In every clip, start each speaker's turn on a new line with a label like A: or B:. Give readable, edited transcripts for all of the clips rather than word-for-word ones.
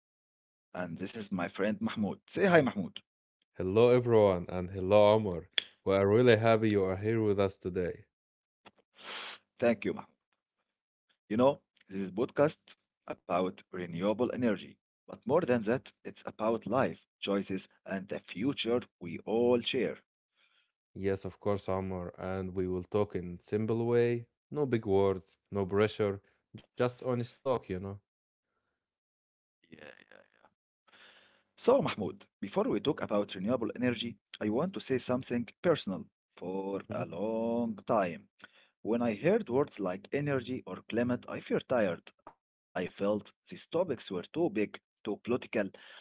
A: I am Omar and this is my friend Mahmoud. Say hi, Mahmoud.
B: Hello, everyone, and hello, Amr. We are really happy you are here with us today.
A: Thank you, Mahmoud. You know, this is podcast about renewable energy, but more than that, it's about life, choices and the future we all share.
B: Yes, of course, Amr, and we will talk in simple way, no big words, no pressure, just honest talk, you know.
A: Yeah, yeah. So Mahmoud, before we talk about renewable energy, I want to say something personal for
B: Mhm,
A: a long time. When I heard words like energy or climate, I feel tired. I felt these topics were too big, too political,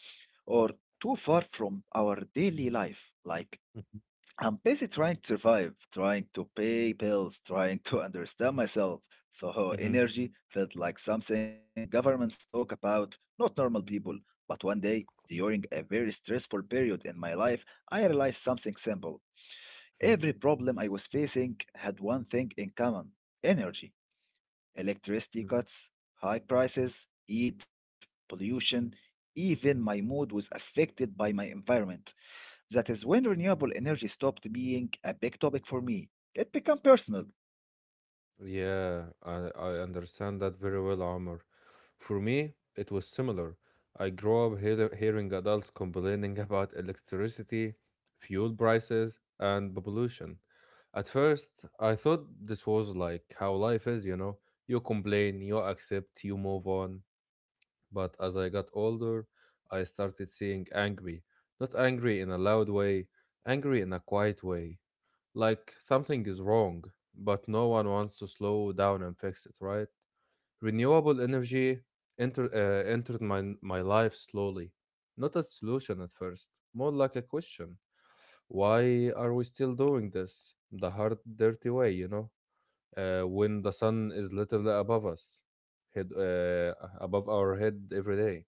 A: or too far from our daily life. Like, I'm busy trying to survive, trying to pay bills, trying to understand myself. So,
B: mhm,
A: energy felt like something governments talk about, not normal people. But one day, during a very stressful period in my life, I realized something simple.
B: mhm,
A: Every problem I was facing had one thing in common energy. Electricity
B: mhm.
A: cuts, high prices, heat, pollution, even my mood was affected by my environment. That is when renewable energy stopped being a big topic for me. It became personal.
B: Yeah, I understand that very well, Omar. For me, it was similar. I grew up hearing adults complaining about electricity, fuel prices, and pollution. At first, I thought this was like how life is, you know? You complain, you accept, you move on. But as I got older, I started seeing angry. Not angry in a loud way, angry in a quiet way. Like something is wrong, but no one wants to slow down and fix it, right? Renewable energy entered my life slowly. Not a solution at first, more like a question. Why are we still doing this? The hard, dirty way, you know? When the sun is literally above us, head, uh, above our head every day.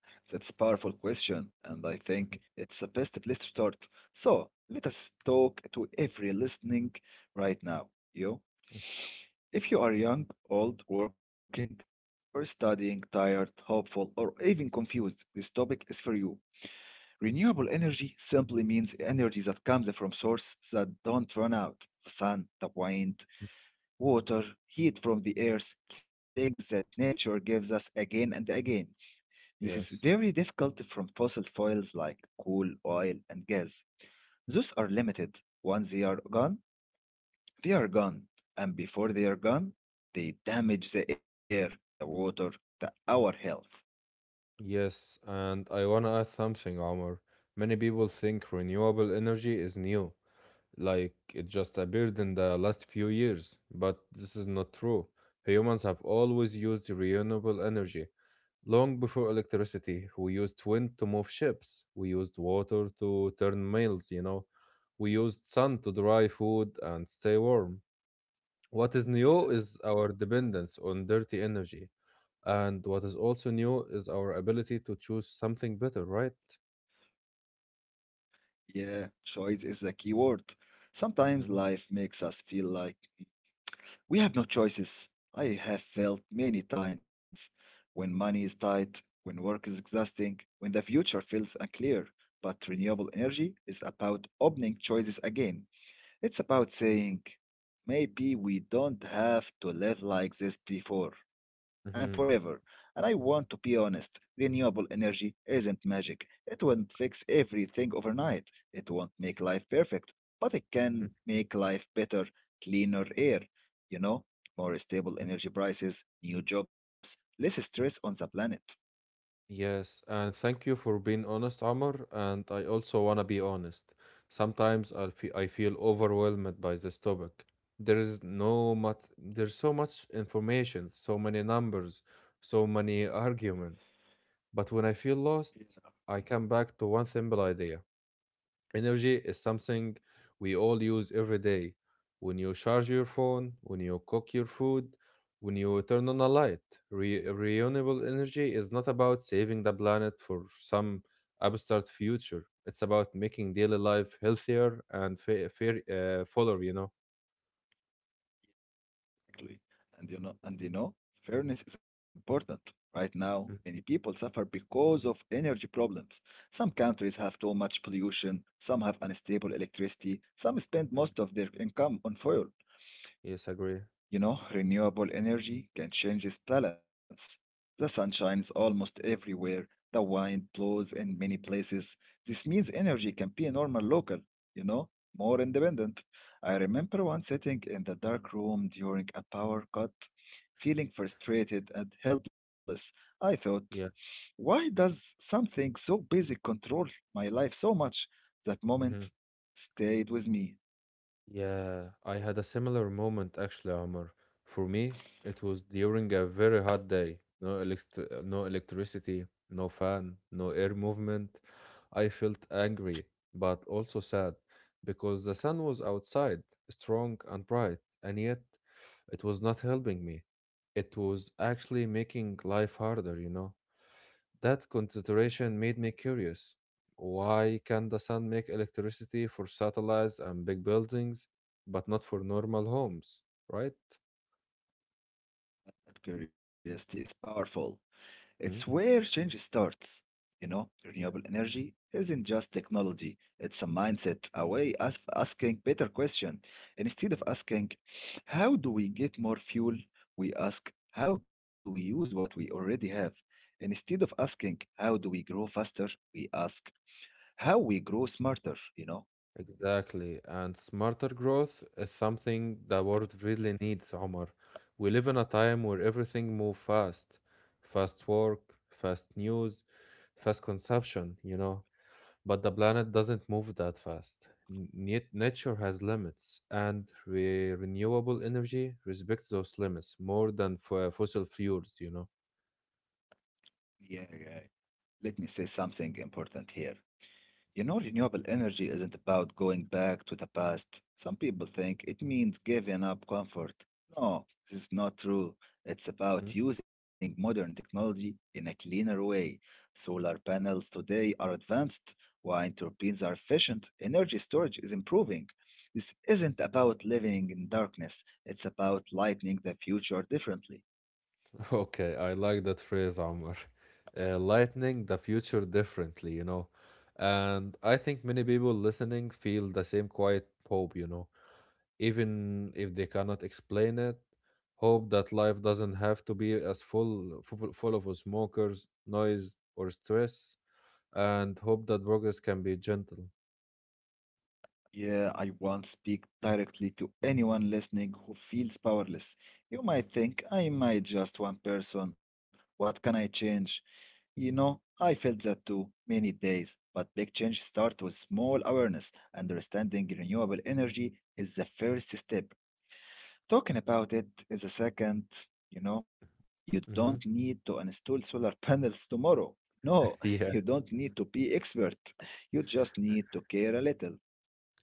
A: That's a powerful question, and I think it's the best place to start. So let us talk to every listening right now. You, if you are young, old, working, or studying, tired, hopeful, or even confused, this topic is for you. Renewable energy simply means energy that comes from sources that don't run out the sun, the wind, water, heat from the earth, things that nature gives us again and again. This is
B: Yes.
A: very difficult from fossil fuels like coal, oil, and gas. Those are limited. Once they are gone, they are gone. And before they are gone, they damage the air, the water, our health.
B: Yes, and I wanna add something, Omar. Many people think renewable energy is new, like it just appeared in the last few years, but this is not true. Humans have always used renewable energy. Long before electricity, we used wind to move ships, we used water to turn mills, you know, we used sun to dry food and stay warm. What is new
A: Yeah,
B: is our dependence on dirty energy. And what is also new is our ability to choose something better, right?
A: yeah, choice is a key word. Sometimes
B: Mm-hmm.
A: life makes us feel like we have no choices. I have felt many times when money is tight, when work is exhausting, when the future feels unclear. But renewable energy is about opening choices again. It's about saying, maybe we don't have to live like this before and
B: Mm-hmm.
A: forever. And I want to be honest, renewable energy isn't magic. It won't fix everything overnight. It won't make life perfect, but it
B: Mm-hmm.
A: can make life better, cleaner air, you know, more stable energy prices, new jobs, less stress on the planet.
B: Yes, and thank you for being honest, Amr. And I also wanna be honest. Sometimes I feel overwhelmed by this topic. There is no much. There's so much information, so many numbers, so many arguments. But when I feel lost, I come back to one simple idea. Energy is something we all use every day. When you charge your phone, when you cook your food, when you turn on a light, renewable energy is not about saving the planet for some abstract future. It's about making daily life healthier and fuller, you know.
A: Exactly. And fairness is important. Right now, many people suffer because of energy problems. Some countries have too much pollution, some have unstable electricity, some spend
B: Mhm.
A: most of their income on fuel.
B: Yes, agree.
A: Renewable energy can change its balance. The sun shines almost everywhere, the wind blows in many places. This means energy can be normal local, you know, more independent. I remember once sitting in the dark room during a power cut, feeling frustrated and helpless. I thought,
B: Yeah.
A: why does something so basic control my life so much? That moment stayed with me.
B: Yeah, I had a similar moment actually, Omar. For me, it was during a very hot day. No no electricity, no fan, no air movement. I felt angry, but also sad because the sun was outside, strong and bright, and yet it was not helping me. It was actually making life harder, you know? That consideration made me curious. Why can the sun make electricity for satellites and big buildings, but not for normal homes, right?
A: That curiosity is powerful.
B: Hmm?
A: It's where change starts.
B: Yeah.
A: Renewable energy isn't just technology, it's a mindset, a way of asking better question. Instead of asking, how do we get more fuel? We ask, how do we use what we already have? Instead of asking, how do we grow faster? We ask, how we grow smarter.
B: Exactly. And smarter growth is something the world really needs, Omar. We live in a time where everything moves fast. Fast work, fast news, fast consumption, you know. But the planet doesn't move that fast. Nature has limits, and renewable energy respects those limits more than fossil fuels, you know.
A: Yeah, yeah. Let me say something important here. Renewable energy isn't about going back to the past. Some people think it means giving up comfort. No, this is not true. It's
B: Mhm.
A: about using modern technology in a cleaner way. Solar panels today are advanced, wind turbines are efficient, energy storage is improving. This isn't about living in darkness, it's about lighting the future differently.
B: Okay, I like that phrase, Omar. Lightning the future differently, you know. And I think many people listening feel the same quiet hope, you know. Even if they cannot explain it, hope that life doesn't have to be as full of smokers, noise, or stress and hope that progress can be gentle.
A: Yeah, I won't speak directly to anyone listening who feels powerless. You might think I am I just one person. What can I change? I felt that too many days. But big change starts with small awareness. Understanding renewable energy is the first step. Talking about it is a second. You don't
B: Mm-hmm.
A: need to install solar panels tomorrow. No, you
B: Yeah.
A: don't need to be expert. You just need to care a little.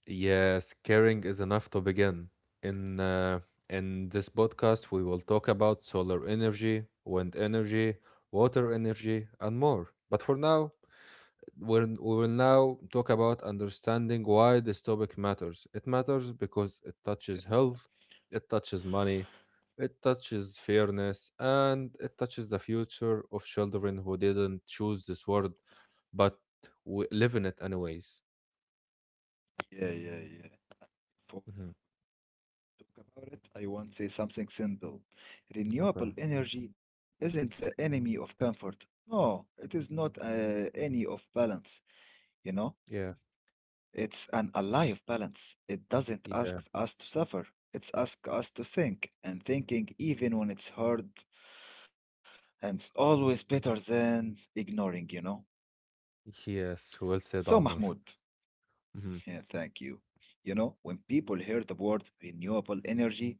B: Yes, caring is enough to begin. In uh, in this podcast, we will talk about solar energy, wind energy, water energy, and more. But for now, we will now talk about understanding why this topic matters. It matters because it touches health, it touches money, it touches fairness, and it touches the future of children who didn't choose this world but we live in it anyways.
A: Yeah, yeah, yeah. If we
B: Hmm.
A: talk about it, I want to say something simple.
B: Okay.
A: Renewable energy isn't the enemy of comfort. No, it is not any of balance, you know?
B: Yeah.
A: It's an ally of balance. It doesn't
B: Yeah.
A: ask us to suffer. It's ask us to think, and thinking even when it's hard, and it's always better than ignoring.
B: Yes. Well
A: So,
B: said, Omar.
A: Mahmoud,
B: Hmm.
A: yeah, thank you. When people hear the word renewable energy,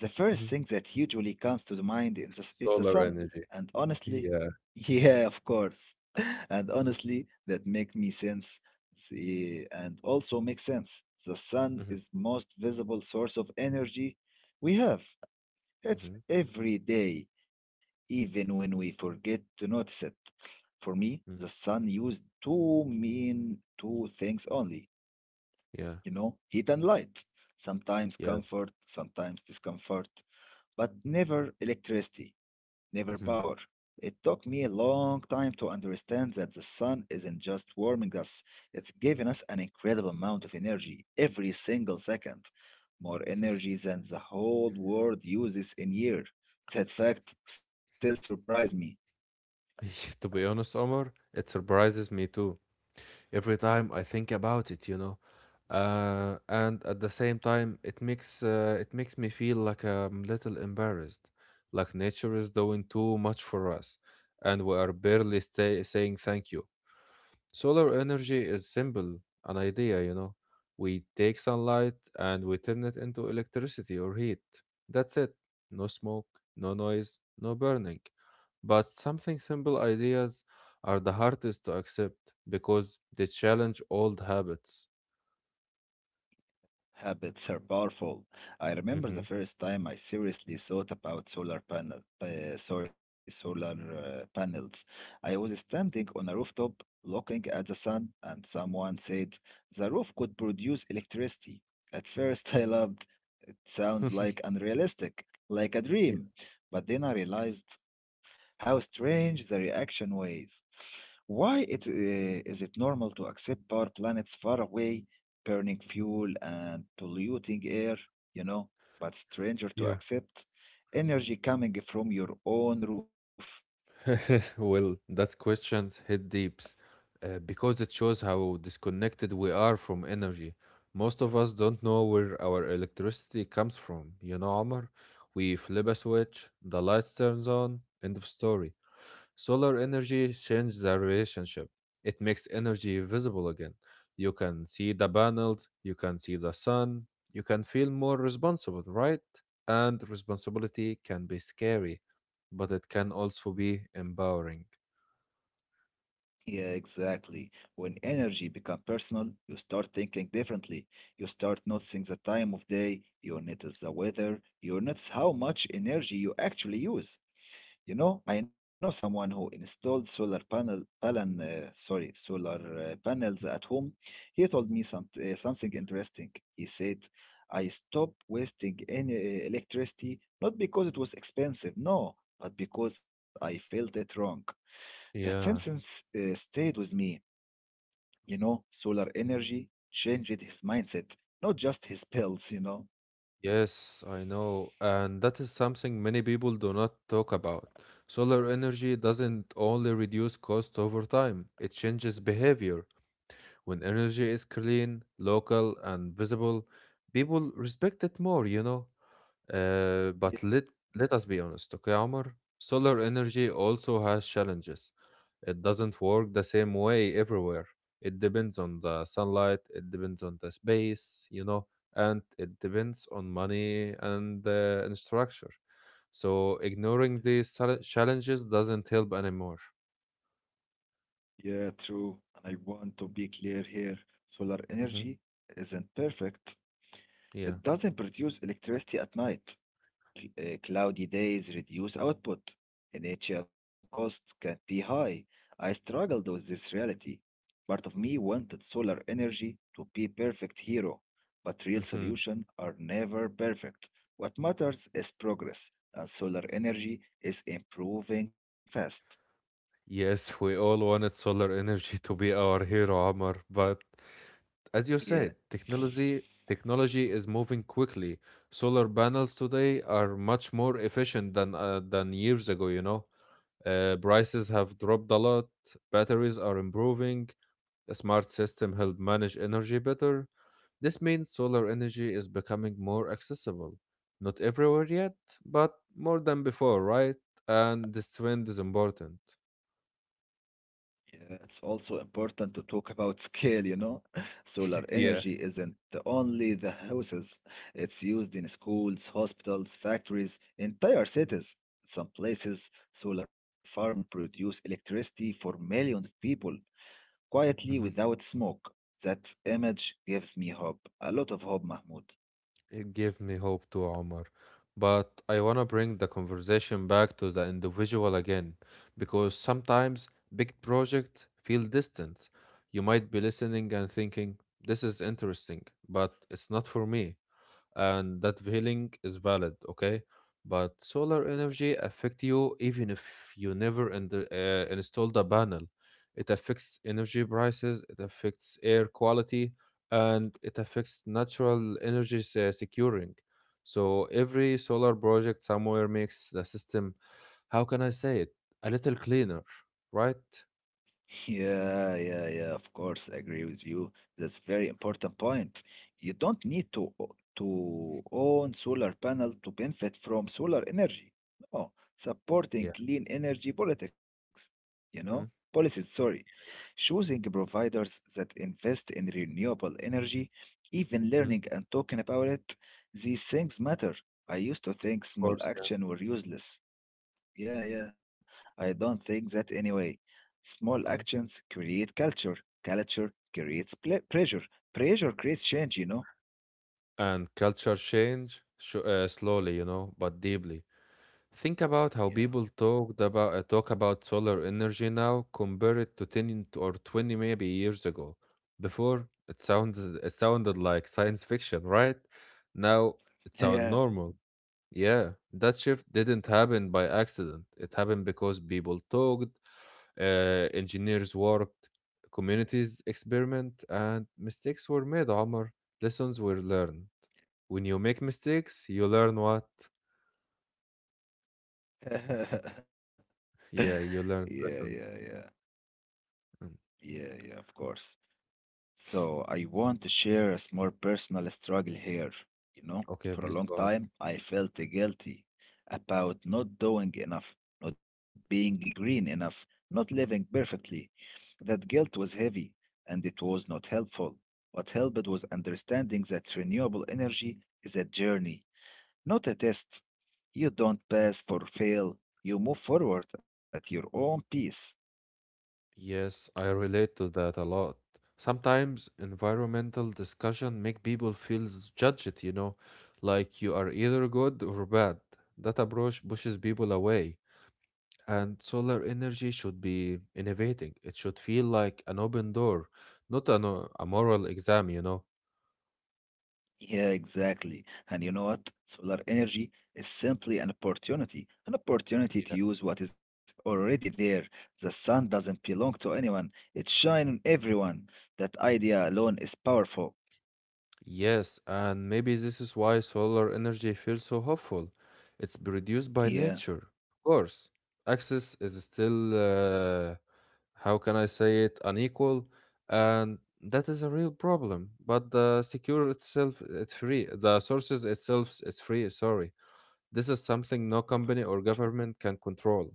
A: the first
B: Hmm.
A: thing that usually comes to the mind in this is the
B: Solar
A: sun.
B: energy.
A: And honestly,
B: Yeah.
A: yeah, of course. And honestly, that make me sense see, and also makes sense. The sun
B: Hmm.
A: is most visible source of energy we have. It's
B: Hmm.
A: every day, even when we forget to notice it. For me, the sun used two mean two things only,
B: Yeah.
A: heat and light, sometimes
B: Yes.
A: comfort, sometimes discomfort, but never electricity, never power.
B: Hmm.
A: It took me a long time to understand that the sun isn't just warming us, it's giving us an incredible amount of energy every single second, more energy than the whole world uses in a year. That fact still surprised me.
B: To be honest, Omar, it surprises me too. Every time I think about it, you know. And at the same time, it makes me feel like I'm little embarrassed, like nature is doing too much for us, and we are barely stay saying thank you. Solar energy is simple, an idea, you know. We take sunlight and we turn it into electricity or heat. That's it. No smoke, no noise, no burning. But something simple ideas are the hardest to accept because they challenge old habits.
A: Habits are powerful. I remember the
B: Mhm.
A: first time I seriously thought about solar panels. I was standing on a rooftop looking at the sun, and someone said the roof could produce electricity. At first, I loved it sounds like unrealistic, like a
B: Yeah.
A: dream. But then I realized how strange the reaction was. Why is it normal to accept power planets far away? Burning fuel and polluting air, you know, but stranger to
B: Yeah.
A: accept energy coming from your own roof.
B: Well, that question hit deeps because it shows how disconnected we are from energy. Most of us don't know where our electricity comes from. You know, Omar, we flip a switch, the light turns on, end of story. Solar energy changed the relationship. It makes energy visible again. You can see the panels, you can see the sun, you can feel more responsible, right? And responsibility can be scary, but it can also be empowering.
A: Yeah, exactly. When energy become personal, you start thinking differently. You start noticing the time of day, you notice the weather, you notice how much energy you actually use. I know someone who installed solar panels at home. He told me something interesting. He said, "I stopped wasting any electricity not because it was expensive, no, but because I felt it wrong." That
B: Yeah.
A: sentence stayed with me. Solar energy changed his mindset, not just his pills.
B: Yes, I know. And that is something many people do not talk about. Solar energy doesn't only reduce cost over time, it changes behavior. When energy is clean, local, and visible, people respect it more, you know. But
A: Yeah.
B: let us be honest, okay, Amr. Solar energy also has challenges. It doesn't work the same way everywhere. It depends on the sunlight, it depends on the space, you know, and it depends on money and structure. So ignoring these challenges doesn't help anymore.
A: Yeah, true. And I want to be clear here. Solar
B: Hmm.
A: energy isn't perfect.
B: Yeah.
A: It doesn't produce electricity at night. Cloudy days reduce output. Initial costs can be high. I struggled with this reality. Part of me wanted solar energy to be perfect hero, but real solutions are never perfect. What matters is progress, and solar energy is improving fast.
B: Yes, we all wanted solar energy to be our hero, Amar, but as you
A: Yeah.
B: said, technology is moving quickly. Solar panels today are much more efficient than years ago. You know, prices have dropped a lot. Batteries are improving. A smart system help manage energy better. This means solar energy is becoming more accessible. Not everywhere yet, but more than before, right? And this trend is important.
A: Yeah, it's also important to talk about scale. Solar energy
B: Yeah.
A: isn't only the houses, it's used in schools, hospitals, factories, entire cities. In some places, solar farm produce electricity for millions of people quietly
B: Mhm.
A: without smoke. That image gives me hope, a lot of hope, Mahmoud.
B: It gave me hope too, Omar. But I want to bring the conversation back to the individual again, because sometimes big projects feel distant. You might be listening and thinking, this is interesting, but it's not for me. And that feeling is valid, okay, but solar energy affect you even if you never in the, installed a panel. It affects energy prices, it affects air quality, and it affects natural energy securing. So every solar project somewhere makes the system, how can I say it, a little cleaner, right?
A: Yeah, yeah, yeah, of course, I agree with you. That's very important point. You don't need to to own solar panel to benefit from solar energy. No, supporting
B: Yeah.
A: clean energy politics,
B: Hmm.
A: policies, sorry. Choosing providers that invest in renewable energy, even
B: Hmm. Of
A: learning and talking about it, these things matter. I used to think small
B: course, yeah.
A: action were useless, yeah, yeah. I don't think that anyway. Small
B: Hmm.
A: actions create culture. Culture creates ple pressure. Pressure creates change.
B: And culture change slowly, you know, but deeply. Think about how
A: Yeah.
B: people talked about talk about solar energy now. Compare it to 10 or 20 maybe years ago. Before it sounds it sounded like science fiction, right? Now it sounds
A: Yeah.
B: normal. Yeah, that shift didn't happen by accident. It happened because people talked, engineers worked, communities experiment, and mistakes were made, Omar. Lessons were learned. When you make mistakes, you learn what? Yeah, you
A: Yeah,
B: learn
A: yeah, yeah.
B: lessons. Mm.
A: Yeah, yeah, of course. So I want to share a small personal struggle here.
B: Okay,
A: For a
B: please
A: long
B: go ahead.
A: time, I felt guilty about not doing enough, not being green enough, not living
B: Mm.
A: perfectly. That guilt was heavy and it was not helpful. What helped was understanding that renewable energy is a journey, not a test. You don't pass for fail, you move forward at your own pace.
B: Yes, I relate to that a lot. Sometimes environmental discussion make people feel judged, you know, like you are either good or bad. That approach pushes people away. And solar energy should be innovating. It should feel like an open door, not a moral exam, you know.
A: Yeah, exactly. And you know what? Solar energy is simply an opportunity to
B: Yeah.
A: use what is already there. The sun doesn't belong to anyone, it shines on everyone. That idea alone is powerful.
B: Yes, and maybe this is why solar energy feels so hopeful. It's produced by
A: Yeah,
B: nature, of course. Access is still, how can I say it, unequal, and that is a real problem. But the secure itself, it's free. The sources itself is free, sorry. This is something no company or government can control.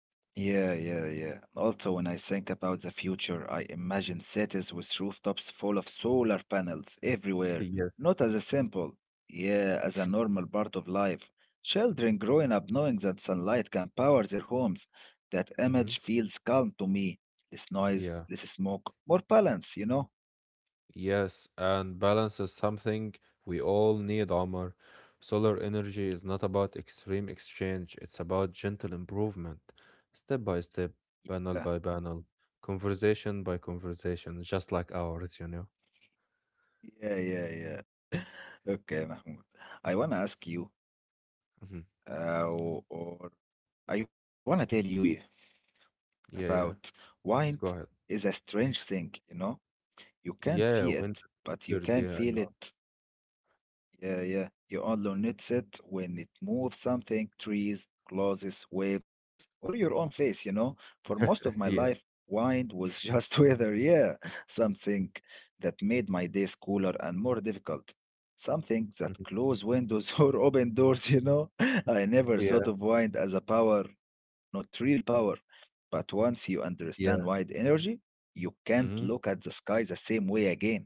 A: yeah, yeah, yeah. Also, when I think about the future, I imagine cities with rooftops full of solar panels everywhere.
B: Yes.
A: Not as a symbol, yeah, as a normal part of life. Children growing up knowing that sunlight can power their homes. That
B: Hmm.
A: image feels calm to me. Less noise,
B: Yeah.
A: less smoke, more balance.
B: Yes. And balance is something we all need, Omar. Solar energy is not about extreme exchange, it's about gentle improvement, step by step,
A: Yeah,
B: panel by panel, conversation by conversation, just like ours, you know?
A: yeah, yeah, yeah. Okay, Mahmoud. I wanna ask you,
B: Hmm.
A: or I wanna tell you
B: Yeah,
A: about
B: yeah.
A: wine
B: Just go ahead.
A: is a strange thing, you know? You can't see
B: Yeah,
A: it,
B: wind.
A: but you
B: Good.
A: can
B: Yeah, I
A: feel
B: know.
A: it. Yeah, yeah. You only notice it when it moves something, trees, clothes, waves, or your own face. For most of my life,
B: Yeah.
A: wind was just weather, yeah. Something that made my days cooler and more difficult. Something that
B: Mhm.
A: closed windows or open doors. I never
B: Yeah,
A: thought of wind as a power, not real power. But once you understand wind
B: yeah.
A: energy, you can't look
B: Mhm.
A: at the sky the same way again.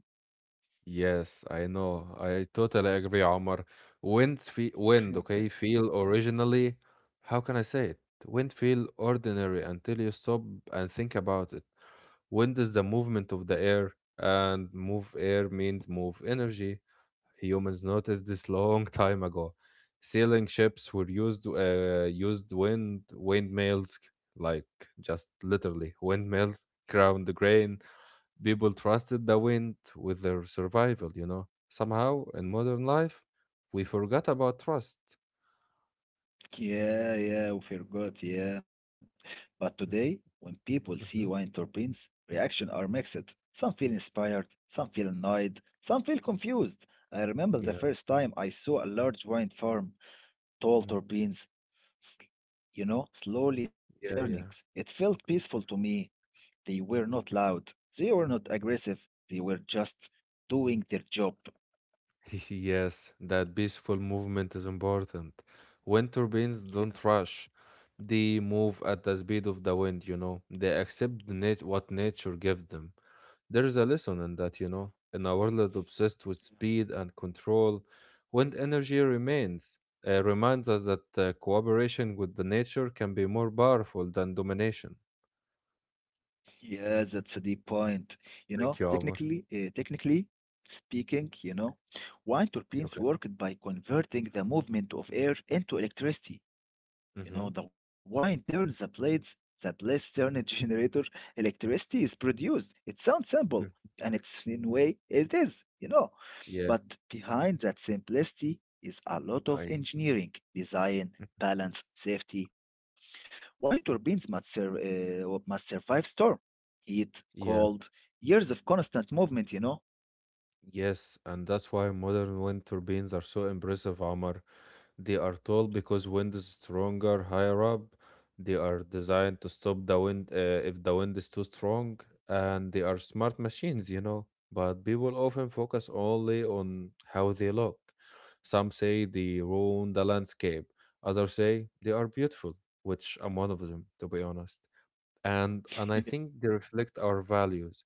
B: Yes, I know. I totally agree, Omar. Wind, okay, feel originally. How can I say it? Wind feel ordinary until you stop and think about it. Wind is the movement of the air, and move air means move energy. Humans noticed this long time ago. Sailing ships were used wind windmills, like just literally windmills, ground grain. People trusted the wind with their survival, you know. Somehow, in modern life, we forgot about trust.
A: Yeah, yeah, we forgot, yeah. But today, when people see wine
B: Mm-hmm.
A: turbines, reactions are mixed. Some feel inspired, some feel annoyed, some feel confused. I remember the
B: Yeah.
A: first time I saw a large wine farm, tall
B: Mhm.
A: turbines, s- you know, slowly turning.
B: Yeah, yeah.
A: It felt peaceful to me. They were not loud, they were not aggressive, they were just doing their job.
B: Yes, that peaceful movement is important. Wind turbines don't
A: Yeah,
B: rush. They move at the speed of the wind, you know. They accept the what nature gives them. There's a lesson in that,
A: yeah,
B: you know. In a world obsessed with
A: yeah.
B: speed and control, wind energy remains reminds us that cooperation with the nature can be more powerful than domination.
A: Yeah, that's a deep point. You know,
B: Thank you, Omar.
A: technically speaking, you know, wind turbines
B: Okay.
A: worked by converting the movement of air into electricity. You
B: Mm-hmm.
A: know, the wind turns the blades turn a generator, electricity is produced. It sounds simple, and it's in way it is, you know.
B: Yeah,
A: But behind that simplicity is a lot of
B: I
A: engineering, design, balance, safety, why turbines must, must survive storm, heat,
B: yeah,
A: cold, years of constant movement, you know?
B: yes, and that's why modern wind turbines are so impressive, Omar. They are tall because wind is stronger higher up. They are designed to stop the wind if the wind is too strong, and they are smart machines, you know. But people often focus only on how they look. Some say they ruin the landscape, others say they are beautiful, which I'm one of them, to be honest, and I think they reflect our values.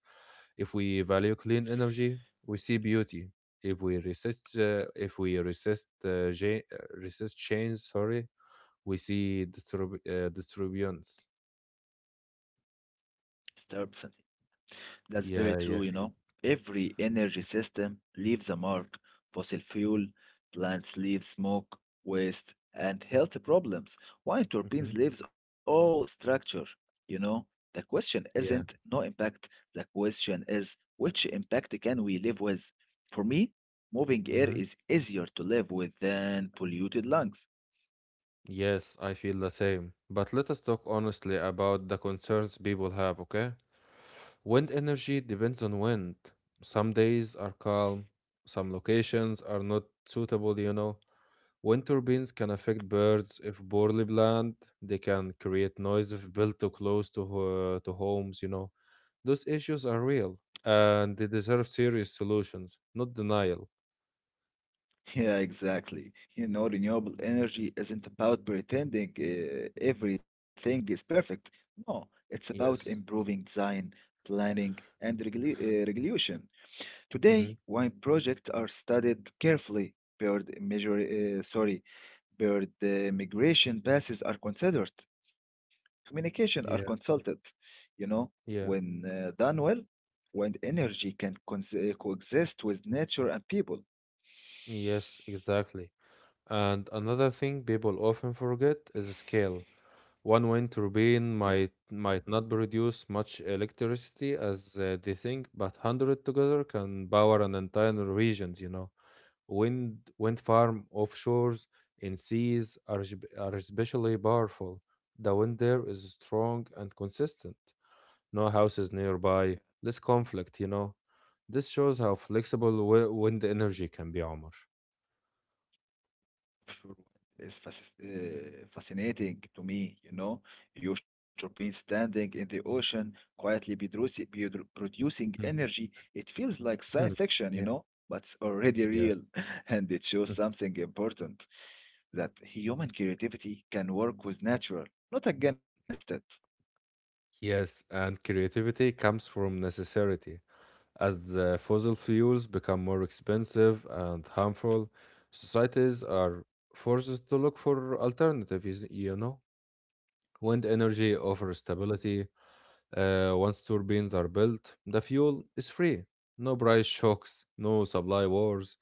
B: If we value clean energy, we see beauty. If we resist, resist change, sorry, we see disturbance.
A: Disturbance. That's very
B: Yeah,
A: true, you
B: yeah,
A: know. Every energy system leaves a mark. Fossil fuel, plants leave smoke, waste, and health problems. Why
B: mm-hmm,
A: turbines leaves all structure, you know? The question isn't
B: yeah.
A: no impact. The question is which impact can we live with? For me, moving air
B: Mm-hmm.
A: is easier to live with than polluted lungs.
B: Yes, I feel the same. But let us talk honestly about the concerns people have. Okay, wind energy depends on wind. Some days are calm. Some locations are not suitable. You know, wind turbines can affect birds if poorly planned. They can create noise if built too close to to homes, you know. Those issues are real and they deserve serious solutions, not denial.
A: Yeah, exactly. You know, renewable energy isn't about pretending everything is perfect. No, it's about
B: Yes.
A: improving design, planning, and regulation.
B: Hmm.
A: Today, wine projects are studied carefully. Uh, sorry, bird migration passes are considered. Communication are
B: Yeah.
A: consulted. You know,
B: Yeah.
A: when done well, wind energy can coexist with nature and people.
B: Yes, exactly. And another thing people often forget is scale. One wind
A: Yeah.
B: turbine might not produce much electricity as they think, but hundred together can power an entire regions, you know. Wind farm offshores in seas are, are especially powerful. The wind there is strong and consistent. No houses nearby, less conflict, you know. This shows how flexible wind energy can be, Omar.
A: Fluent is fascinating to me, you know. Huge turbines standing in the ocean, quietly producing
B: Mm.
A: energy. It feels like science
B: Hmm.
A: fiction, you
B: Yeah.
A: know, but it's already
B: Yes.
A: real, and it shows
B: Mm.
A: something important that human creativity can work with natural, not against it.
B: Yes, and creativity comes from necessity. As the fossil fuels become more expensive and
A: That's it.
B: harmful, societies are forced to look for alternatives, you know? Wind
A: Yeah.
B: energy offers stability. Once turbines are built, the fuel is free. No price shocks, no supply wars.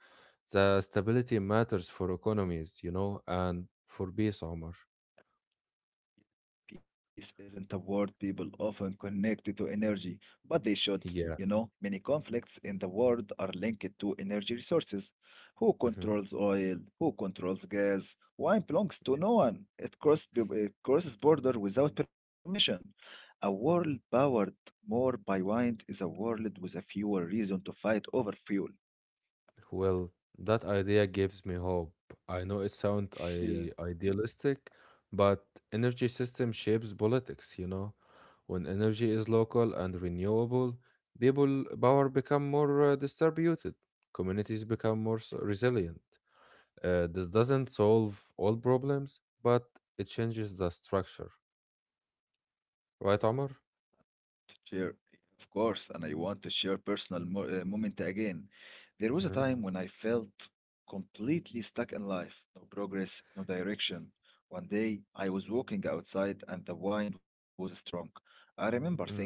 B: The stability matters for economies, you know, and for peace, Omar.
A: Peace isn't a word people often connect to energy, but they should.
B: Yeah.
A: You know, many conflicts in the world are linked to energy resources. Who controls oil? Who controls gas? Wine belongs to no one. It crosses border without permission. A world powered more by wine is a world with a fewer reason to fight over fuel.
B: Well, that idea gives me hope. I know it sounds
A: Yeah.
B: I idealistic, but energy system shapes politics, you know. When energy is local and renewable, people power become more distributed. Communities become more resilient. This doesn't solve all problems, but it changes the structure. Right, Omar?
A: To share, of course, and I want to share personal mo moment again. There was a
B: Mm-hmm.
A: time when I felt completely stuck in life, no progress, no direction. One day, I was walking outside and the wind was strong. I remember thinking,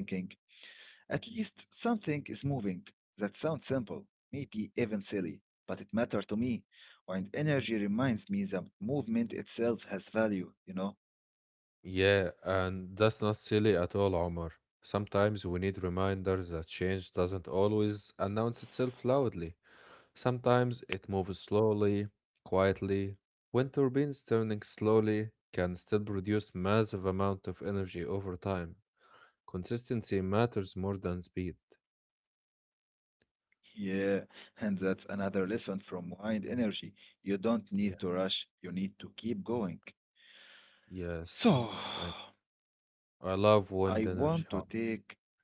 A: at least something is moving. That sounds simple, maybe even silly, but it mattered to me. Wind energy reminds me that movement itself has value, you know?
B: Yeah, and that's not silly at all, Omar. Sometimes we need reminders that change doesn't always announce itself loudly. Sometimes it moves slowly, quietly. Wind turbines turning slowly can still produce massive amount of energy over time. Consistency matters more than speed.
A: Yeah, and that's another lesson from wind energy. You don't
B: Yeah.
A: need to rush, you need to keep going.
B: Yes.
A: So,
B: I I love
A: I
B: wind
A: want to
B: energy. Omar.
A: take,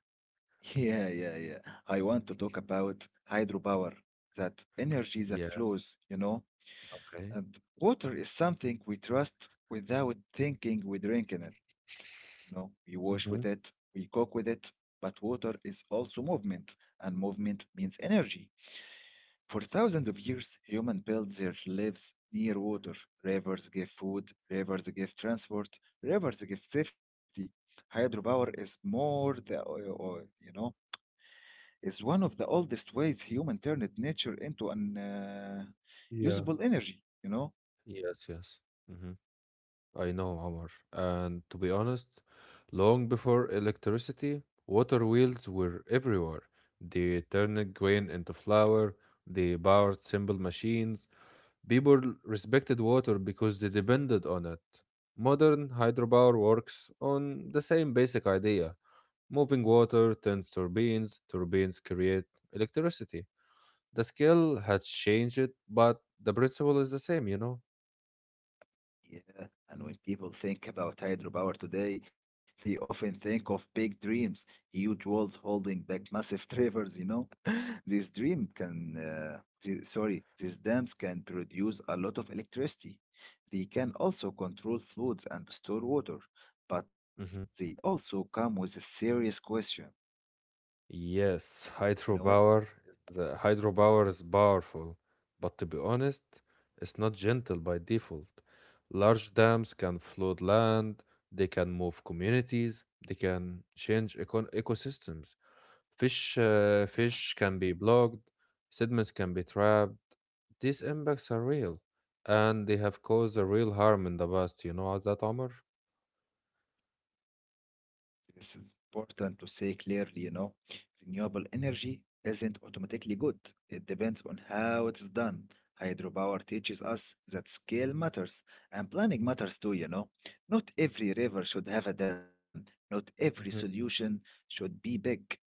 A: yeah, yeah, yeah. I want to talk about hydropower, that energy that
B: Yeah.
A: flows, you know,
B: Okay.
A: and water is something we trust without thinking we drink in it. You know, we wash with it,
B: Mm-hmm.
A: we cook with it, but water is also movement, and movement means energy. For thousands of years, humans built their lives near water. Rivers give food, rivers give transport, rivers give safety. Hydropower is more the o- o- you know is one of the oldest ways human turned nature into an
B: Yeah.
A: usable energy. You know.
B: Yes. Yes. Mm-hmm. I know, Omar. And to be honest, long before electricity, water wheels were everywhere. They turned grain into flour, they powered simple machines. People respected water because they depended on it. Modern hydropower works on the same basic idea. Moving water turns turbines, turbines create electricity. The skill has changed, but the principle is the same, you know?
A: Yeah, and when people think about hydropower today, they often think of big dreams, huge walls holding back massive rivers, you know. This dream can, the, sorry, these dams can produce a lot of electricity. They can also control floods and store water, but they
B: Mm-hmm.
A: also come with a serious question.
B: Yes,
A: You know it?
B: hydropower is powerful, but to be honest, it's not gentle by default. Large dams can flood land, they can move communities, they can change econ ecosystems.
A: Yeah.
B: Fish can be blocked, sediments can be trapped. These impacts are real, and they have caused a real harm in the past. You know that, Omar?
A: This is important to say clearly, you know, renewable energy isn't automatically good. It depends on how it's done. Hydropower teaches us that scale matters and planning matters too, you know. Not every river should have a dam. Not every solution should be big.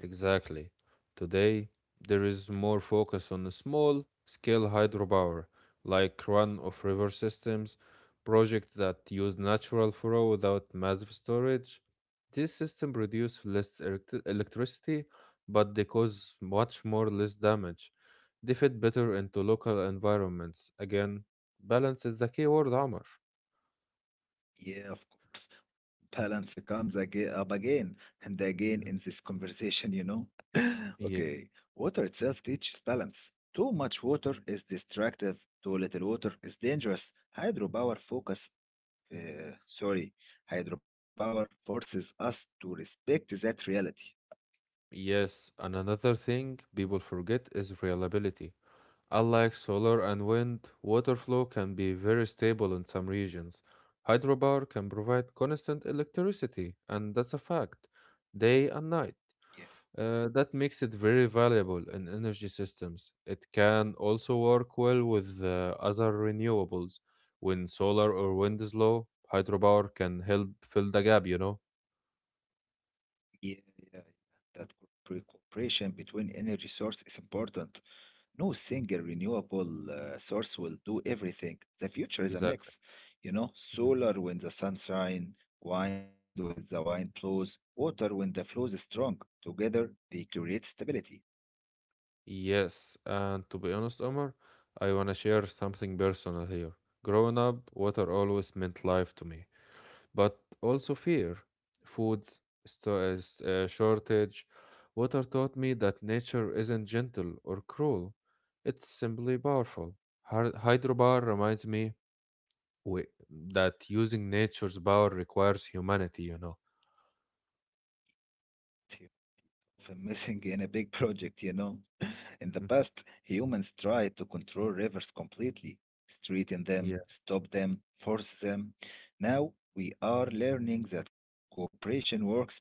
B: Exactly. Today, there is more focus on the small scale hydropower, like run of river systems, projects that use natural flow without massive storage. These systems produce less electricity, but they cause much more less damage. They fit better into local environments. Again, balance is the key word, Amr.
A: Yeah, of course. Balance comes again up again and again in this conversation, you know.
B: Yeah.
A: Okay, water itself teaches balance. Too much water is destructive, too little water is dangerous. Hydropower focus, uh, sorry, hydropower forces us to respect that reality.
B: Yes, and another thing people forget is reliability. Unlike solar and wind, water flow can be very stable in some regions. Hydropower can provide constant electricity, and that's a fact, day and night.
A: Yeah,
B: That makes it very valuable in energy systems. It can also work well with other renewables. When solar or wind is low, hydropower can help fill the gap, you know?
A: yeah, yeah, yeah. That cooperation between energy source is important. No single renewable source will do everything. The future is a
B: Exactly.
A: mix, you know,
B: Mm-hmm.
A: solar when the sun shines, wind when the wind blows, water when the flow is strong. Together, they create stability.
B: Yes, and to be honest, Omar, I wanna share something personal here. Growing up, water always meant life to me, but also fear, food shortage. Water taught me that nature isn't gentle or cruel; it's simply powerful. Hydropower reminds me that using nature's power requires humanity. You know.
A: Often missing in a big project, you know. In the past, humans tried to control rivers completely, straighten them,
B: Mm.
A: stop them, force them. Now, we are learning that cooperation works better.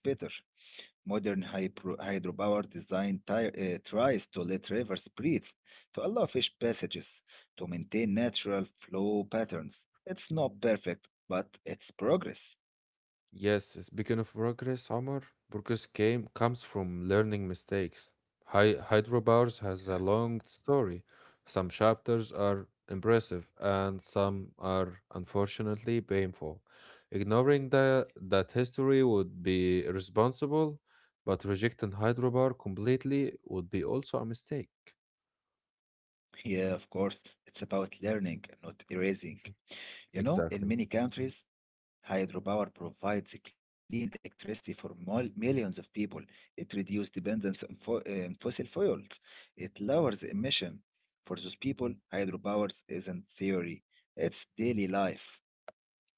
A: Modern hydropower design tries to let rivers breathe, to allow fish passages, to maintain natural flow patterns. It's not perfect, but it's progress.
B: Yes, speaking of progress, Omar, progress came comes from learning mistakes. Hy Hydrobars
A: Yeah,
B: has a long story. Some chapters are impressive and some are unfortunately painful. Ignoring that history would be irresponsible, but rejecting Hydrobar completely would be also a mistake.
A: yeah, of course. It's about learning, not erasing. You know, in
B: Exactly.
A: many countries, hydropower provides clean electricity for millions of people. It reduces dependence on fossil fuels. It lowers emission. For those people, hydropower isn't theory, it's daily life.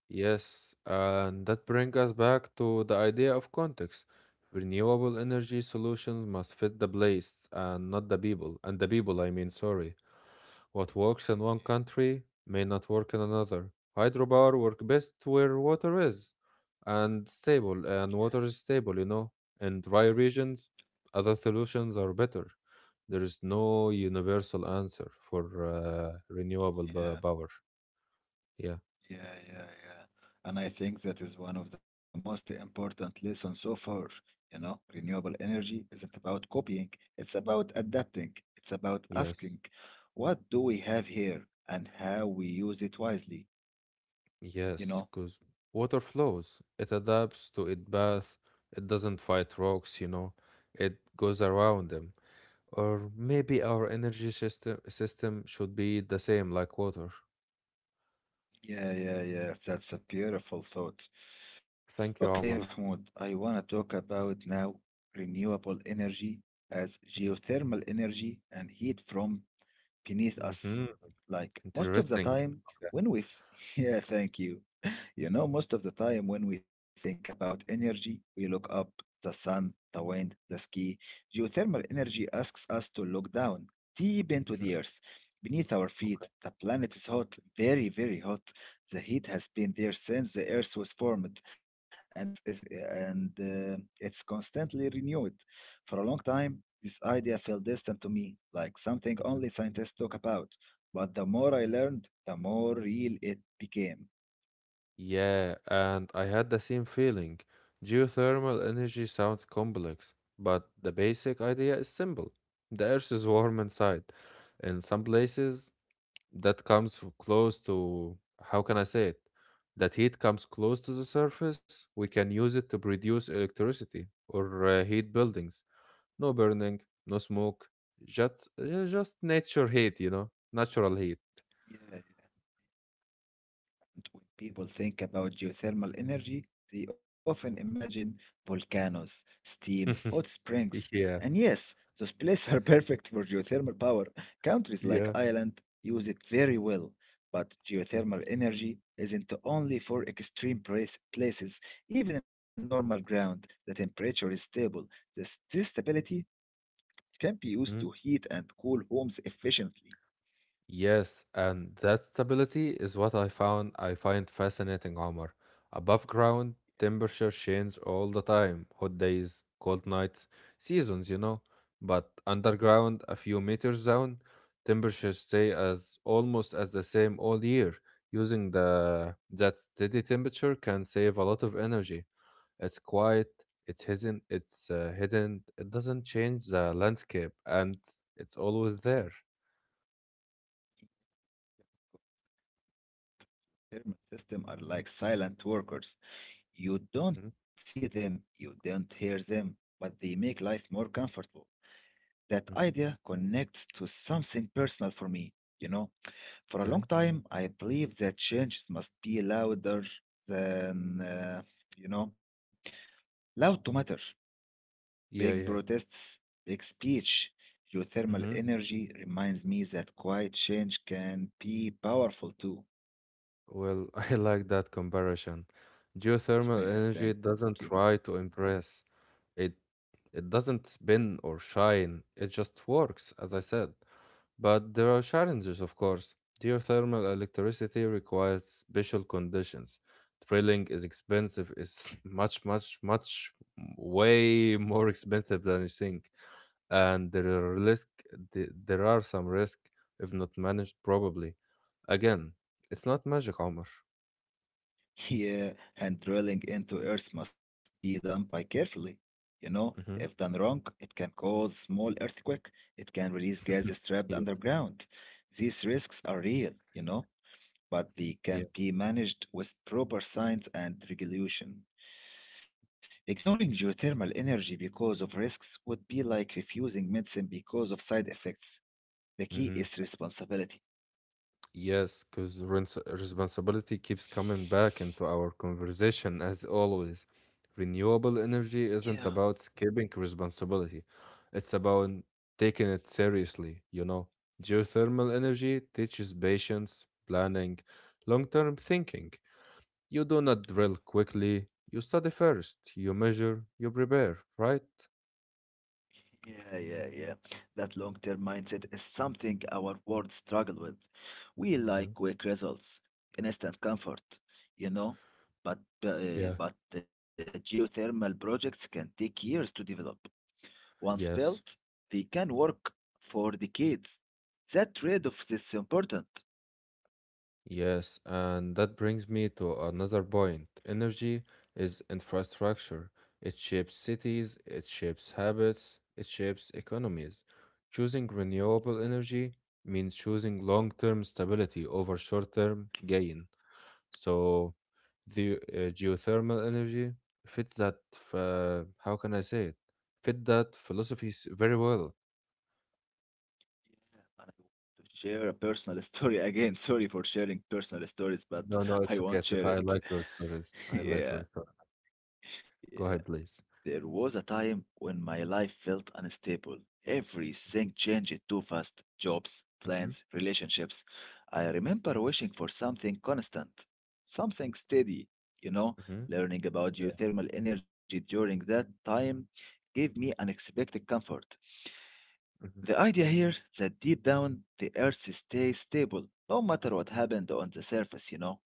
B: Yes, and that brings us back to the idea of context. Renewable energy solutions must fit the place and not the people. And the people, I mean, sorry. What works in one country may not work in another. Hydropower work best where water is stable, you know. In dry regions, other solutions are better. There is no universal answer for uh, renewable
A: Yeah,
B: b- power. Yeah,
A: yeah, yeah, yeah, yeah. And I think that is one of the most important lessons so far. You know, renewable energy isn't about copying, it's about adapting, it's about
B: yes.
A: asking, what do we have here and how we use it wisely. You
B: Yes,
A: know?
B: because water flows. It adapts to its bath. It doesn't fight rocks, you know. It goes around them. Or maybe our energy system should be the same like water.
A: Yeah, yeah, yeah. That's a beautiful thought. Okay,
B: Thank you, Omar.
A: Mahmoud, I want to talk about now renewable energy as geothermal energy and heat from beneath us.
B: Mm-hmm.
A: Like most of the
B: Interesting.
A: time,
B: Okay.
A: when we, yeah, thank you. You know, most of the time when we think about energy, we look up the sun, the wind, the ski. Geothermal energy asks us to look down, deep into the
B: Hmm.
A: earth. Beneath our
B: Okay.
A: feet, the planet is hot, very, very hot. The heat has been there since the earth was formed, and, it's- and it's constantly renewed. For a long time, this idea felt distant to me, like something
B: Mhm.
A: only scientists talk about. But the more I learned, the more real it became.
B: Yeah, and I had the same feeling. Geothermal energy sounds complex, but the basic idea is simple. The earth is warm inside. In some places, that comes f- close to how can I say it? That heat comes close to the surface, we can use it to produce electricity or heat buildings. No burning, no smoke, just nature heat, you know, natural heat.
A: Yeah, when people think about geothermal energy, they often imagine volcanoes, steam, hot springs, and
B: Yeah,
A: yes, those places are perfect for geothermal power. Countries like
B: yeah.
A: Ireland use it very well. But geothermal energy isn't only for extreme places. Even in normal ground, the temperature is stable. This stability can be used to
B: Mhm.
A: heat and cool homes efficiently.
B: Yes, and that stability is what I find fascinating, Omar. Above ground, temperature changes all the time, hot days, cold nights, seasons, you know. But underground, a few meters down, temperatures stay as almost as the same all year. Using the that steady temperature can save a lot of energy. It's quiet, it's hidden, it doesn't change the landscape, and it's always there.
A: Thermal systems are like silent workers. You don't
B: Mhm.
A: see them, you don't hear them, but they make life more comfortable. That idea connects to something personal for me. You know, for a long
B: Mm.
A: time, I believed that changes must be louder than, you know, loud to matter. Big
B: Yeah, yeah.
A: protests, big speech. Geothermal
B: Mhm.
A: energy reminds me that quiet change can be powerful too.
B: Well, I like that comparison. Geothermal energy
A: Thank you, Mahmoud.
B: doesn't try to impress. It it doesn't spin or shine. It just works, as I said. But there are challenges, of course. Geothermal electricity requires special conditions. Drilling is expensive. It's way more expensive than you think. And there are risk. There are some risk if not managed properly. Again, it's not magic, Omar.
A: Yeah, and drilling into earth must be done by carefully. You know, if done
B: Mhm.
A: wrong, it can cause small earthquake. It can release gases trapped
B: Yeah,
A: underground. These risks are real, you know, but they
B: yeah.
A: can be managed with proper science and regulation. Ignoring geothermal energy because of risks would be like refusing medicine because of side effects. The
B: Hmm.
A: key is responsibility.
B: Yes, because responsibility keeps coming back into our conversation as always. Renewable energy isn't
A: Yeah.
B: about skipping responsibility, it's about taking it seriously, you know. Geothermal energy teaches patience, planning, long term thinking. You do not drill quickly, you study first, you measure, you prepare, right?
A: Yeah, yeah, yeah. That long-term mindset is something our world struggle with. We
B: Hmm.
A: like quick results, instant comfort, you know, but
B: Yeah.
A: geothermal projects can take years to develop. Once
B: Yes.
A: built, they can work for decades. That trade-off is important.
B: Yes, and that brings me to another point. Energy is infrastructure. It shapes cities, it shapes habits, it shapes economies. Choosing renewable energy means choosing long-term stability over short-term gain. So the geothermal energy how can I say it? Fit That philosophy very well.
A: Yeah, and I want to share a personal story again. Sorry for sharing personal stories, but
B: No, no, it's
A: I
B: okay.
A: won't
B: It's okay.
A: share
B: I
A: it.
B: like your stories. I like
A: Yeah,
B: your story.
A: yeah.
B: Go ahead, please.
A: There was a time when my life felt unstable. Everything changed too fast. Jobs,
B: Hmm.
A: plans, relationships. I remember wishing for something constant, something steady. You know,
B: Hmm.
A: learning about geothermal energy during that time gave me unexpected comfort. The
B: Mhm.
A: idea here that deep down the earth stays stable, no matter what happened on the surface, you know.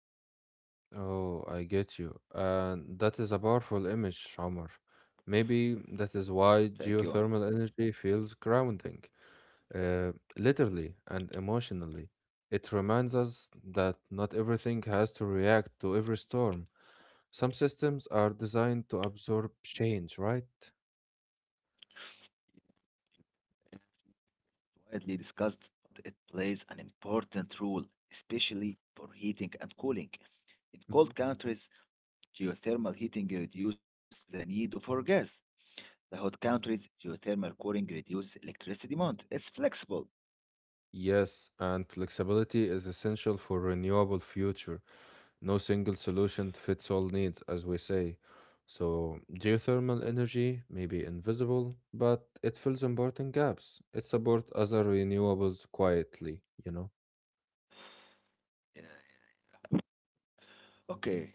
B: Oh, I get you. And that is a powerful image, Omar. Maybe that is
A: Thank
B: why
A: you.
B: geothermal energy feels grounding, uh, literally and emotionally. It reminds us that not everything has to react to every storm. Some systems are designed to absorb change, right?
A: Widely discussed, but it plays an important role, especially for heating and cooling. In
B: Mhm.
A: cold countries, geothermal heating reduces the need for gas. The hot countries, geothermal cooling reduces electricity demand. It's flexible.
B: Yes, and flexibility is essential for renewable future. No single solution fits all needs, as we say. So, geothermal energy may be invisible, but it fills important gaps. It supports other renewables quietly, you know?
A: Yeah. Okay,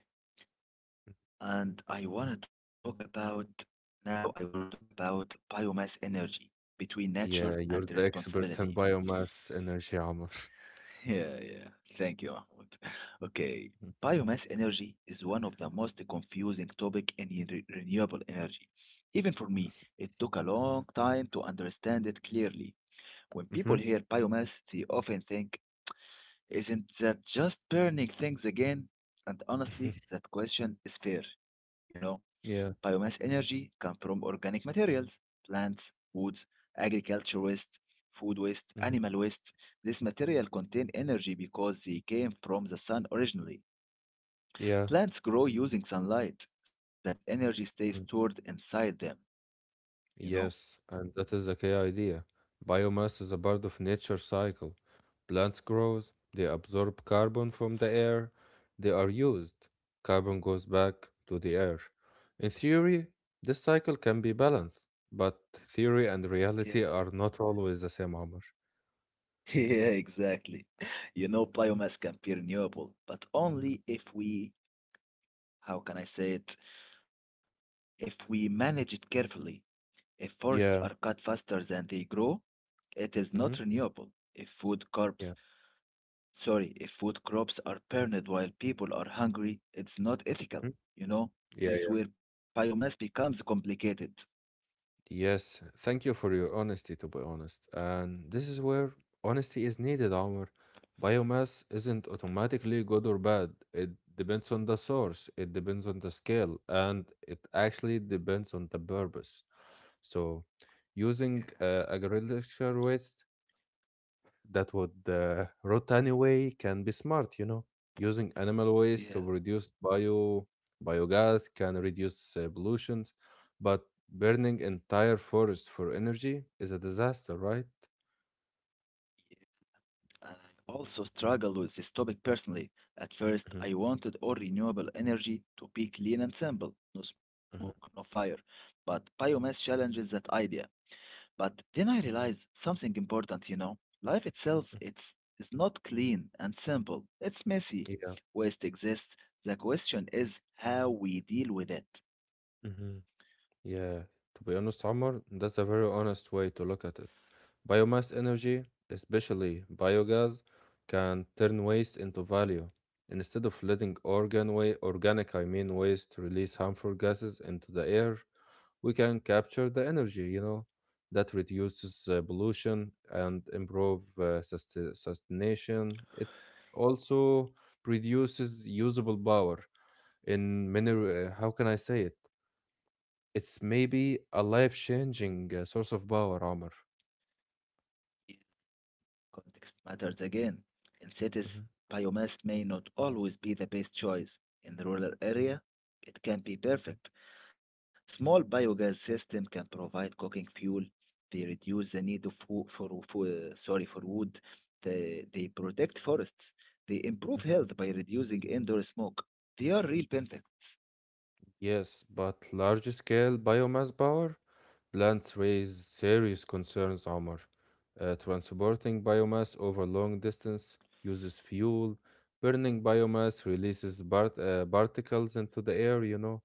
A: and I want to talk about now I want to talk about biomass energy between nature and
B: Yeah, you're the
A: responsibility.
B: expert in biomass energy, Amr.
A: Yeah, yeah. Thank you, Mahmoud. Okay. Biomass energy is one of the most confusing topic in renewable energy. Even for me, it took a long time to understand it clearly. When
B: Hmm.
A: people hear biomass, they often think, isn't that just burning things again? And honestly, that question is fair, you know?
B: Yeah.
A: Biomass energy comes from organic materials, plants, woods, agriculture waste, food waste,
B: Mhm,
A: animal waste. This material contain energy because they came from the sun originally.
B: yeah. Mm-hmm.
A: Plants grow using sunlight. That energy stays stored inside them, you know?
B: Yes, and that is the key idea. Biomass is a part of nature cycle. Plants grows, they absorb carbon from the air, they are used. Carbon goes back to the air. In theory, this cycle can be balanced, but theory and
A: Yeah.
B: reality are not always the same, Omar.
A: Yeah, exactly. You know, biomass can be renewable, but only if we, how can I say it, if we manage it carefully. If forests
B: Yeah.
A: are cut faster than they grow, it is
B: Mm-hmm.
A: not renewable. If food
B: Yeah.
A: crops, sorry, if food crops are burned while people are hungry, it's not ethical.
B: Hmm.
A: You know, this is
B: Yeah.
A: where biomass becomes complicated.
B: Yes, thank you for your honesty, to be honest. And this is where honesty is needed, Omar. Biomass isn't automatically good or bad. It depends on the source, it depends on the scale, and it actually depends on the purpose. So, using agricultural waste that would rot anyway can be smart, you know, using animal waste
A: Yeah,
B: to produce biogas can reduce pollutions, but burning entire forest for energy is a disaster, right?
A: and I also struggled with this topic personally. At first,
B: Mhm,
A: I wanted all renewable energy to be clean and simple, no smoke, no
B: mhm.
A: fire. But biomass challenges that idea. But then I realize something important, you know. Life itself it's is not clean and simple. It's messy.
B: Yeah.
A: Waste exists. The question is how we deal with it.
B: Hmm. Yeah, to be honest, Omar, that's a very honest way to look at it. Biomass energy, especially biogas, can turn waste into value. Instead of letting organic, I mean waste, release harmful gases into the air, we can capture the energy, you know, that reduces pollution and improve sustaination. It also produces usable power in many, how can I say it? It's maybe a life-changing source of power, Omar.
A: Context matters again. In cities, biomass may not always be the best choice. In the rural area, it can be perfect. Small biogas system can provide cooking fuel. They reduce the need of wo- for sorry for wood. They protect forests. They improve
B: Mhm.
A: health by reducing indoor smoke. They are real benefits.
B: Yes, but large-scale biomass power plants raise serious concerns, Omar. Transporting biomass over long distance uses fuel. Burning biomass releases particles into the air, you know.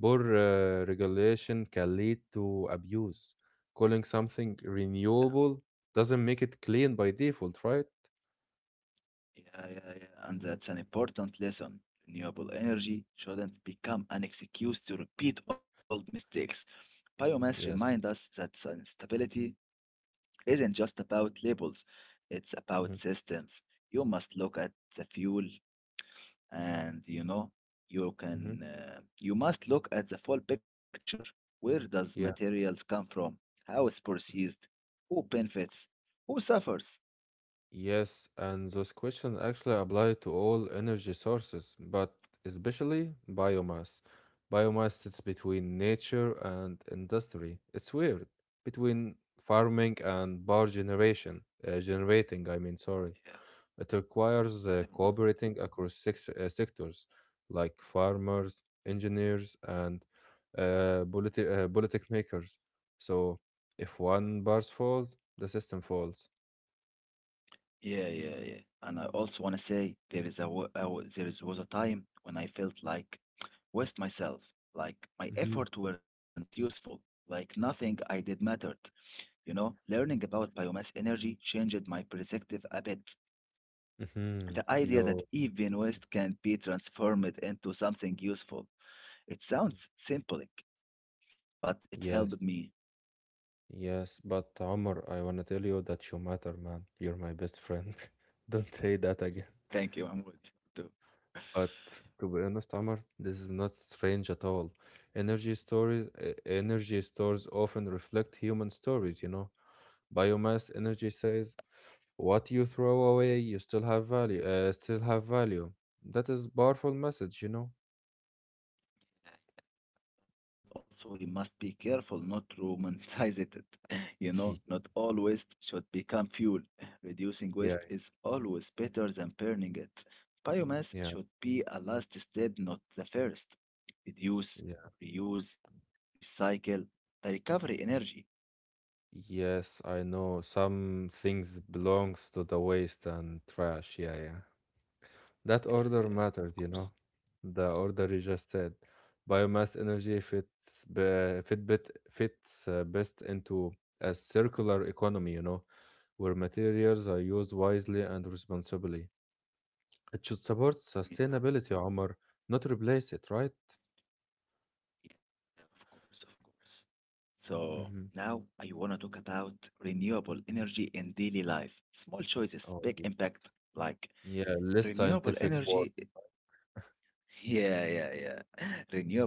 B: Poor regulation can lead to abuse. Calling something
A: Yeah,
B: renewable doesn't make it clean by default, right?
A: yeah, yeah, yeah. And that's an important lesson. Renewable energy shouldn't become an excuse to repeat old mistakes. Biomass reminds
B: Yes.
A: us that sustainability isn't just about labels, it's about
B: hmm
A: systems. You must look at the fuel and,
B: hmm
A: you must look at the full picture. Where does
B: Yeah.
A: materials come from? How it's processed? Who benefits? Who suffers?
B: Yes, and those questions actually apply to all energy sources, but especially biomass. Biomass sits between nature and industry. It's weird. Between farming and power generation, generating, I mean, sorry.
A: Yeah,
B: It requires
A: never mind.
B: cooperating across six sectors like farmers, engineers, and politic makers. So if one bars falls, the system falls.
A: Yeah, yeah, yeah. And I also want to say there is a wa- there is was a time when I felt like waste myself, like my effort weren't useful, like nothing I did mattered. You know, learning about biomass energy changed my perspective a bit. The
B: Mhm.
A: idea that
B: Yo,
A: even waste can be transformed into something useful. It sounds simple, but it helped
B: yes,
A: me.
B: yes. But Omar, I wanna tell you that you matter, man. You're my best friend. Don't say that again.
A: Thank you. I'm with you too.
B: But to be honest, Omar, this is not strange at all. Energy stories, energy stores often reflect human stories. You know, biomass energy says what you throw away, you still have value. Still have value. That is powerful message. You know.
A: Also, we must be careful not to romanticize it. You
B: yeah,
A: know, not all waste should become fuel. Reducing waste is always better than burning it. Biomass
B: yeah,
A: should be a last step, not the first. Reduce,
B: yeah.
A: reuse, recycle, the recovery energy.
B: Yes, I know. Some things belongs to the waste and trash. Yeah, yeah. That
A: Yeah,
B: order
A: of
B: mattered, you
A: course.
B: know. The order you just said. Biomass energy fits be, fit bit, fits best into a circular economy, you know, where materials are used wisely and responsibly. It should support
A: Yeah.
B: sustainability, Omar, not replace it, right?
A: Yeah, of course, of course. So
B: Mm-hmm.
A: now I want to talk about renewable energy in daily life. Small choices, big
B: Oh,
A: impact. Like
B: yeah, less
A: renewable
B: scientific work.
A: energy, yeah, yeah, yeah.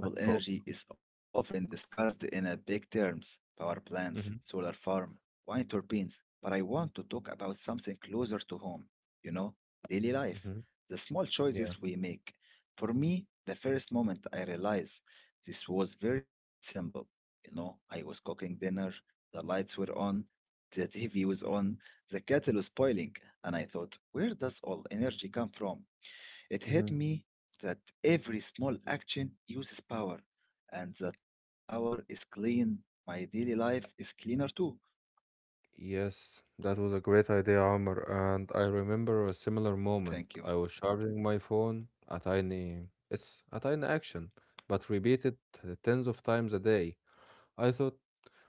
B: I hope
A: energy is often discussed in a big terms, power plants,
B: so.
A: solar farm, wind turbines, but I want to talk about something closer to home, you know, daily
B: Mm-hmm.
A: life,
B: Mm-hmm.
A: the small
B: Yeah.
A: choices we make. For me, the first moment I realized this was very simple. You know, I was cooking dinner, the lights were on, the TV was on, the kettle was boiling, and I thought, where does all energy come from? It hit
B: Mhm.
A: me that every small action uses power, and that power is clean. My daily life is cleaner too.
B: Yes, that was a great idea, Amr, and I remember a similar moment. I
A: Thank you.
B: was charging my phone, a tiny, it's a tiny action, but repeated tens of times a day. I thought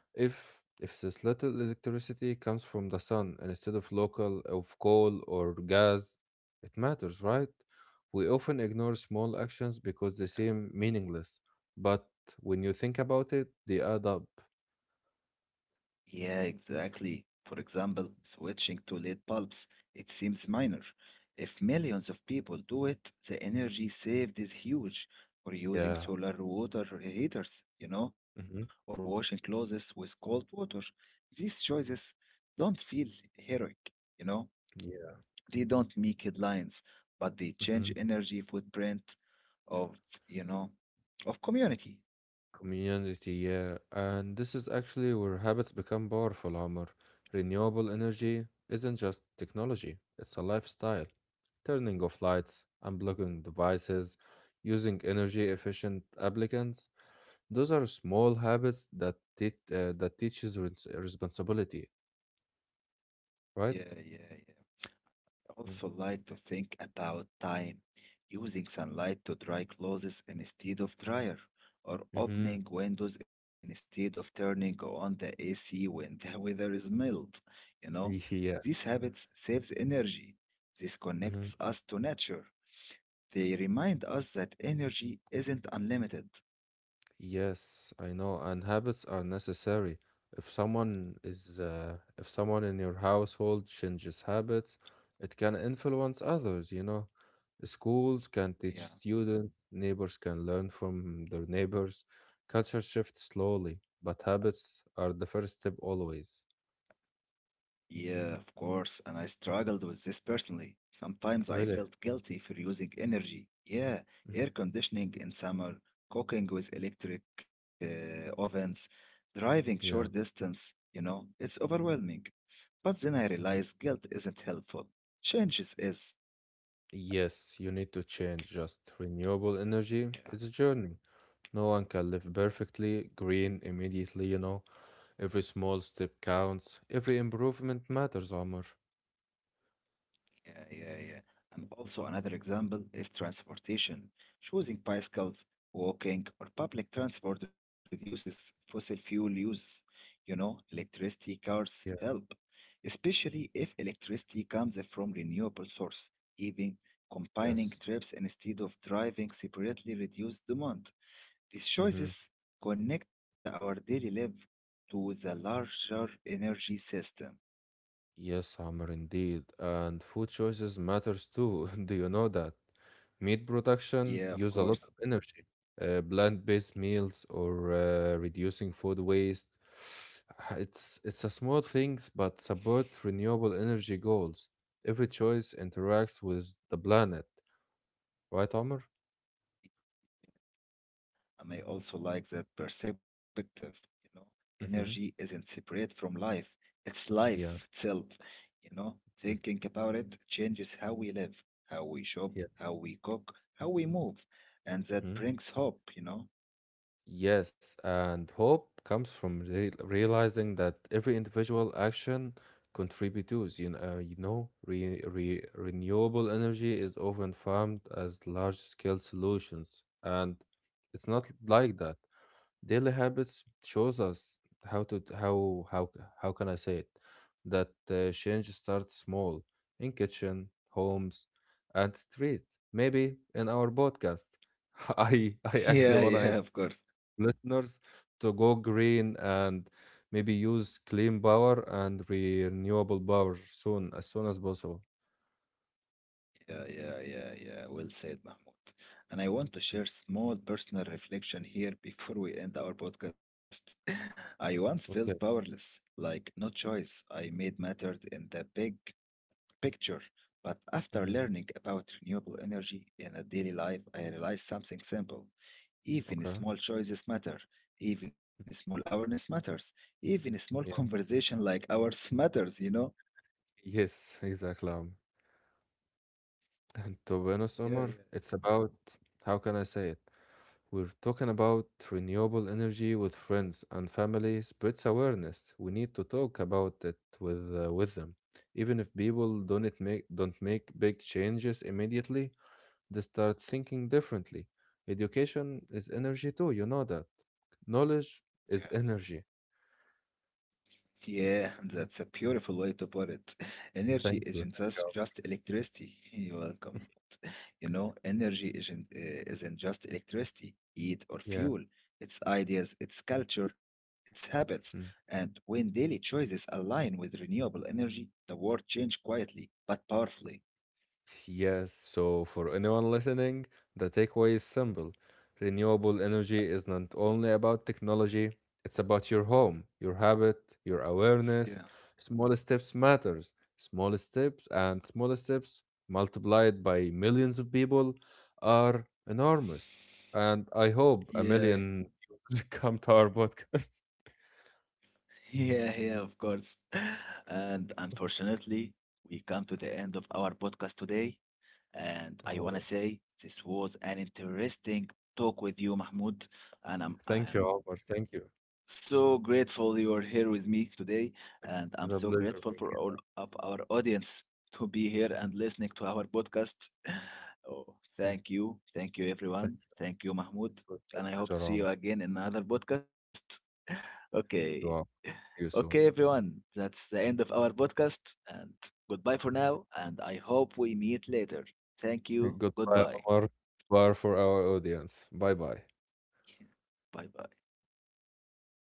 B: if this little electricity comes from the sun instead of local of coal or gas, it matters, right? We often ignore small actions because they seem meaningless, but when you think about it, they add up.
A: Yeah, exactly. For example, switching to LED bulbs. It seems minor. If millions of people do it, the energy saved is huge. Or using
B: Yeah.
A: solar water heaters, or
B: Hmm.
A: washing clothes with cold water. These choices don't feel heroic, you know
B: Yeah.
A: They don't make headlines, but they change
B: Mm-hmm.
A: energy footprint of, you know, of community.
B: Community, yeah. And this is actually where habits become powerful, Amr. Renewable energy isn't just technology, it's a lifestyle. Turning off lights, unblocking devices, using energy efficient applicants. Those are small habits that teaches responsibility,
A: Yeah,
B: right?
A: yeah, yeah. I also like to think about time, using sunlight to dry clothes instead of dryer, or
B: Mm-hmm.
A: opening windows instead of turning on the AC when the weather is mild. You know,
B: Yeah.
A: these habits saves energy. This connects
B: Hmm.
A: us to nature. They remind us that energy isn't unlimited.
B: Yes, I know, and habits are necessary. If someone in your household changes habits, it can influence others, you know. Schools can teach
A: Yeah.
B: students, neighbors can learn from their neighbors. Culture shifts slowly, but habits are the first step always.
A: Yeah, of course, and I struggled with this personally. Sometimes I
B: Really?
A: felt guilty for using energy. Yeah,
B: Mm,
A: air conditioning in summer, cooking with electric
B: mm,
A: ovens, driving
B: Yeah.
A: short distance, you know, it's overwhelming. But then I
B: Mhm.
A: realized guilt isn't helpful. Changes is.
B: Yes, you need to change. Just renewable energy is a
A: Yeah.
B: journey. No one can live perfectly green immediately, you know. Every small step counts. Every improvement matters, Amr.
A: Yeah, yeah, yeah. And also another example is transportation. Choosing bicycles, walking, or public transport reduces fossil fuel uses. You know, electricity cars
B: Yeah.
A: help, especially if electricity comes from renewable source. Even combining
B: Yes.
A: trips instead of driving separately reduce demand. These
B: Mm-hmm.
A: choices connect our daily life to the larger energy system.
B: Yes, Amr, indeed. And food choices matters too. Do you know that? Meat production
A: Yeah, of
B: use a lot
A: course.
B: of energy. Plant-based meals or reducing food waste. It's a small things, but support renewable energy goals. Every choice interacts with the planet, right, Amr?
A: I may also like that perspective, you know. Energy
B: Mm-hmm.
A: isn't separate from life, it's life
B: Yeah.
A: itself, you know.
B: Mm,
A: Thinking about it changes how we live, how we shop,
B: Yeah.
A: how we cook, how we move. And that
B: Mm-hmm.
A: brings hope, you know.
B: Yes, and hope comes from re realizing that every individual action contributes. You know, re re renewable energy is often farmed as large-scale solutions, and it's not like that. Daily habits shows us how to how how can I say it? That change starts small in kitchen, homes, and street. Maybe in our podcast. I actually
A: Yeah,
B: wanna
A: yeah, of course.
B: listeners to go green and maybe use clean power and renewable power soon as possible.
A: Yeah, yeah, yeah, yeah. Well said, Mahmoud. And I want to share small personal reflection here before we end our podcast. I once felt
B: Okay.
A: powerless, like no choice I made mattered in the big picture. But after
B: Hmm.
A: learning about renewable energy in a daily life, I realized something simple. Even
B: Okay.
A: small choices matter. Even small awareness matters. Even small
B: Yeah.
A: conversation like ours matters, you know?
B: Yes, exactly. Omar. And to be honest,
A: Yeah,
B: Omar,
A: yeah.
B: it's about how can I say it? We're talking about renewable energy with friends and family spreads awareness. We need to talk about it with them, even if people don't make big changes immediately. They start thinking differently. Education is energy too, you know that. Knowledge is energy.
A: Yeah, that's a beautiful way to put it. Energy
B: Thank
A: isn't
B: you. Thank
A: just,
B: you.
A: just electricity. You're welcome. You know, energy isn't just electricity, heat, or
B: Yeah.
A: fuel. It's ideas, it's culture, it's habits. And when daily choices align with renewable energy, the world changes quietly but powerfully.
B: Yes, so for anyone listening, the takeaway is simple. Renewable energy is not only about technology, it's about your home, your habit, your
A: Yeah.
B: awareness. Small steps matters. Small steps multiplied by millions of people are enormous. And I hope a
A: Yeah,
B: million come to our podcast.
A: yeah, yeah, of course. And unfortunately, we come to the end of our podcast today. And I want to
B: Oh,
A: say this was an interesting talk with you, Mahmoud. And I'm,
B: thank you,
A: I'm
B: Omar. Thank you.
A: so grateful you are here with me today, and I'm
B: It was a
A: so
B: pleasure
A: grateful
B: being
A: for
B: here.
A: all of our audience to be here and listening to our podcast. Oh,
B: Yeah,
A: thank you,
B: thank
A: everyone. Thank you, Mahmoud,
B: you. It was my
A: and I hope to
B: pleasure,
A: see you
B: Omar.
A: again in another podcast. Okay,
B: Good one. See you
A: okay,
B: soon.
A: everyone. That's the end of our podcast, and goodbye for now. And I hope we meet later. Thank you.
B: Goodbye,
A: Goodbye.
B: Omar. Bye for our audience. Bye bye.
A: Bye bye.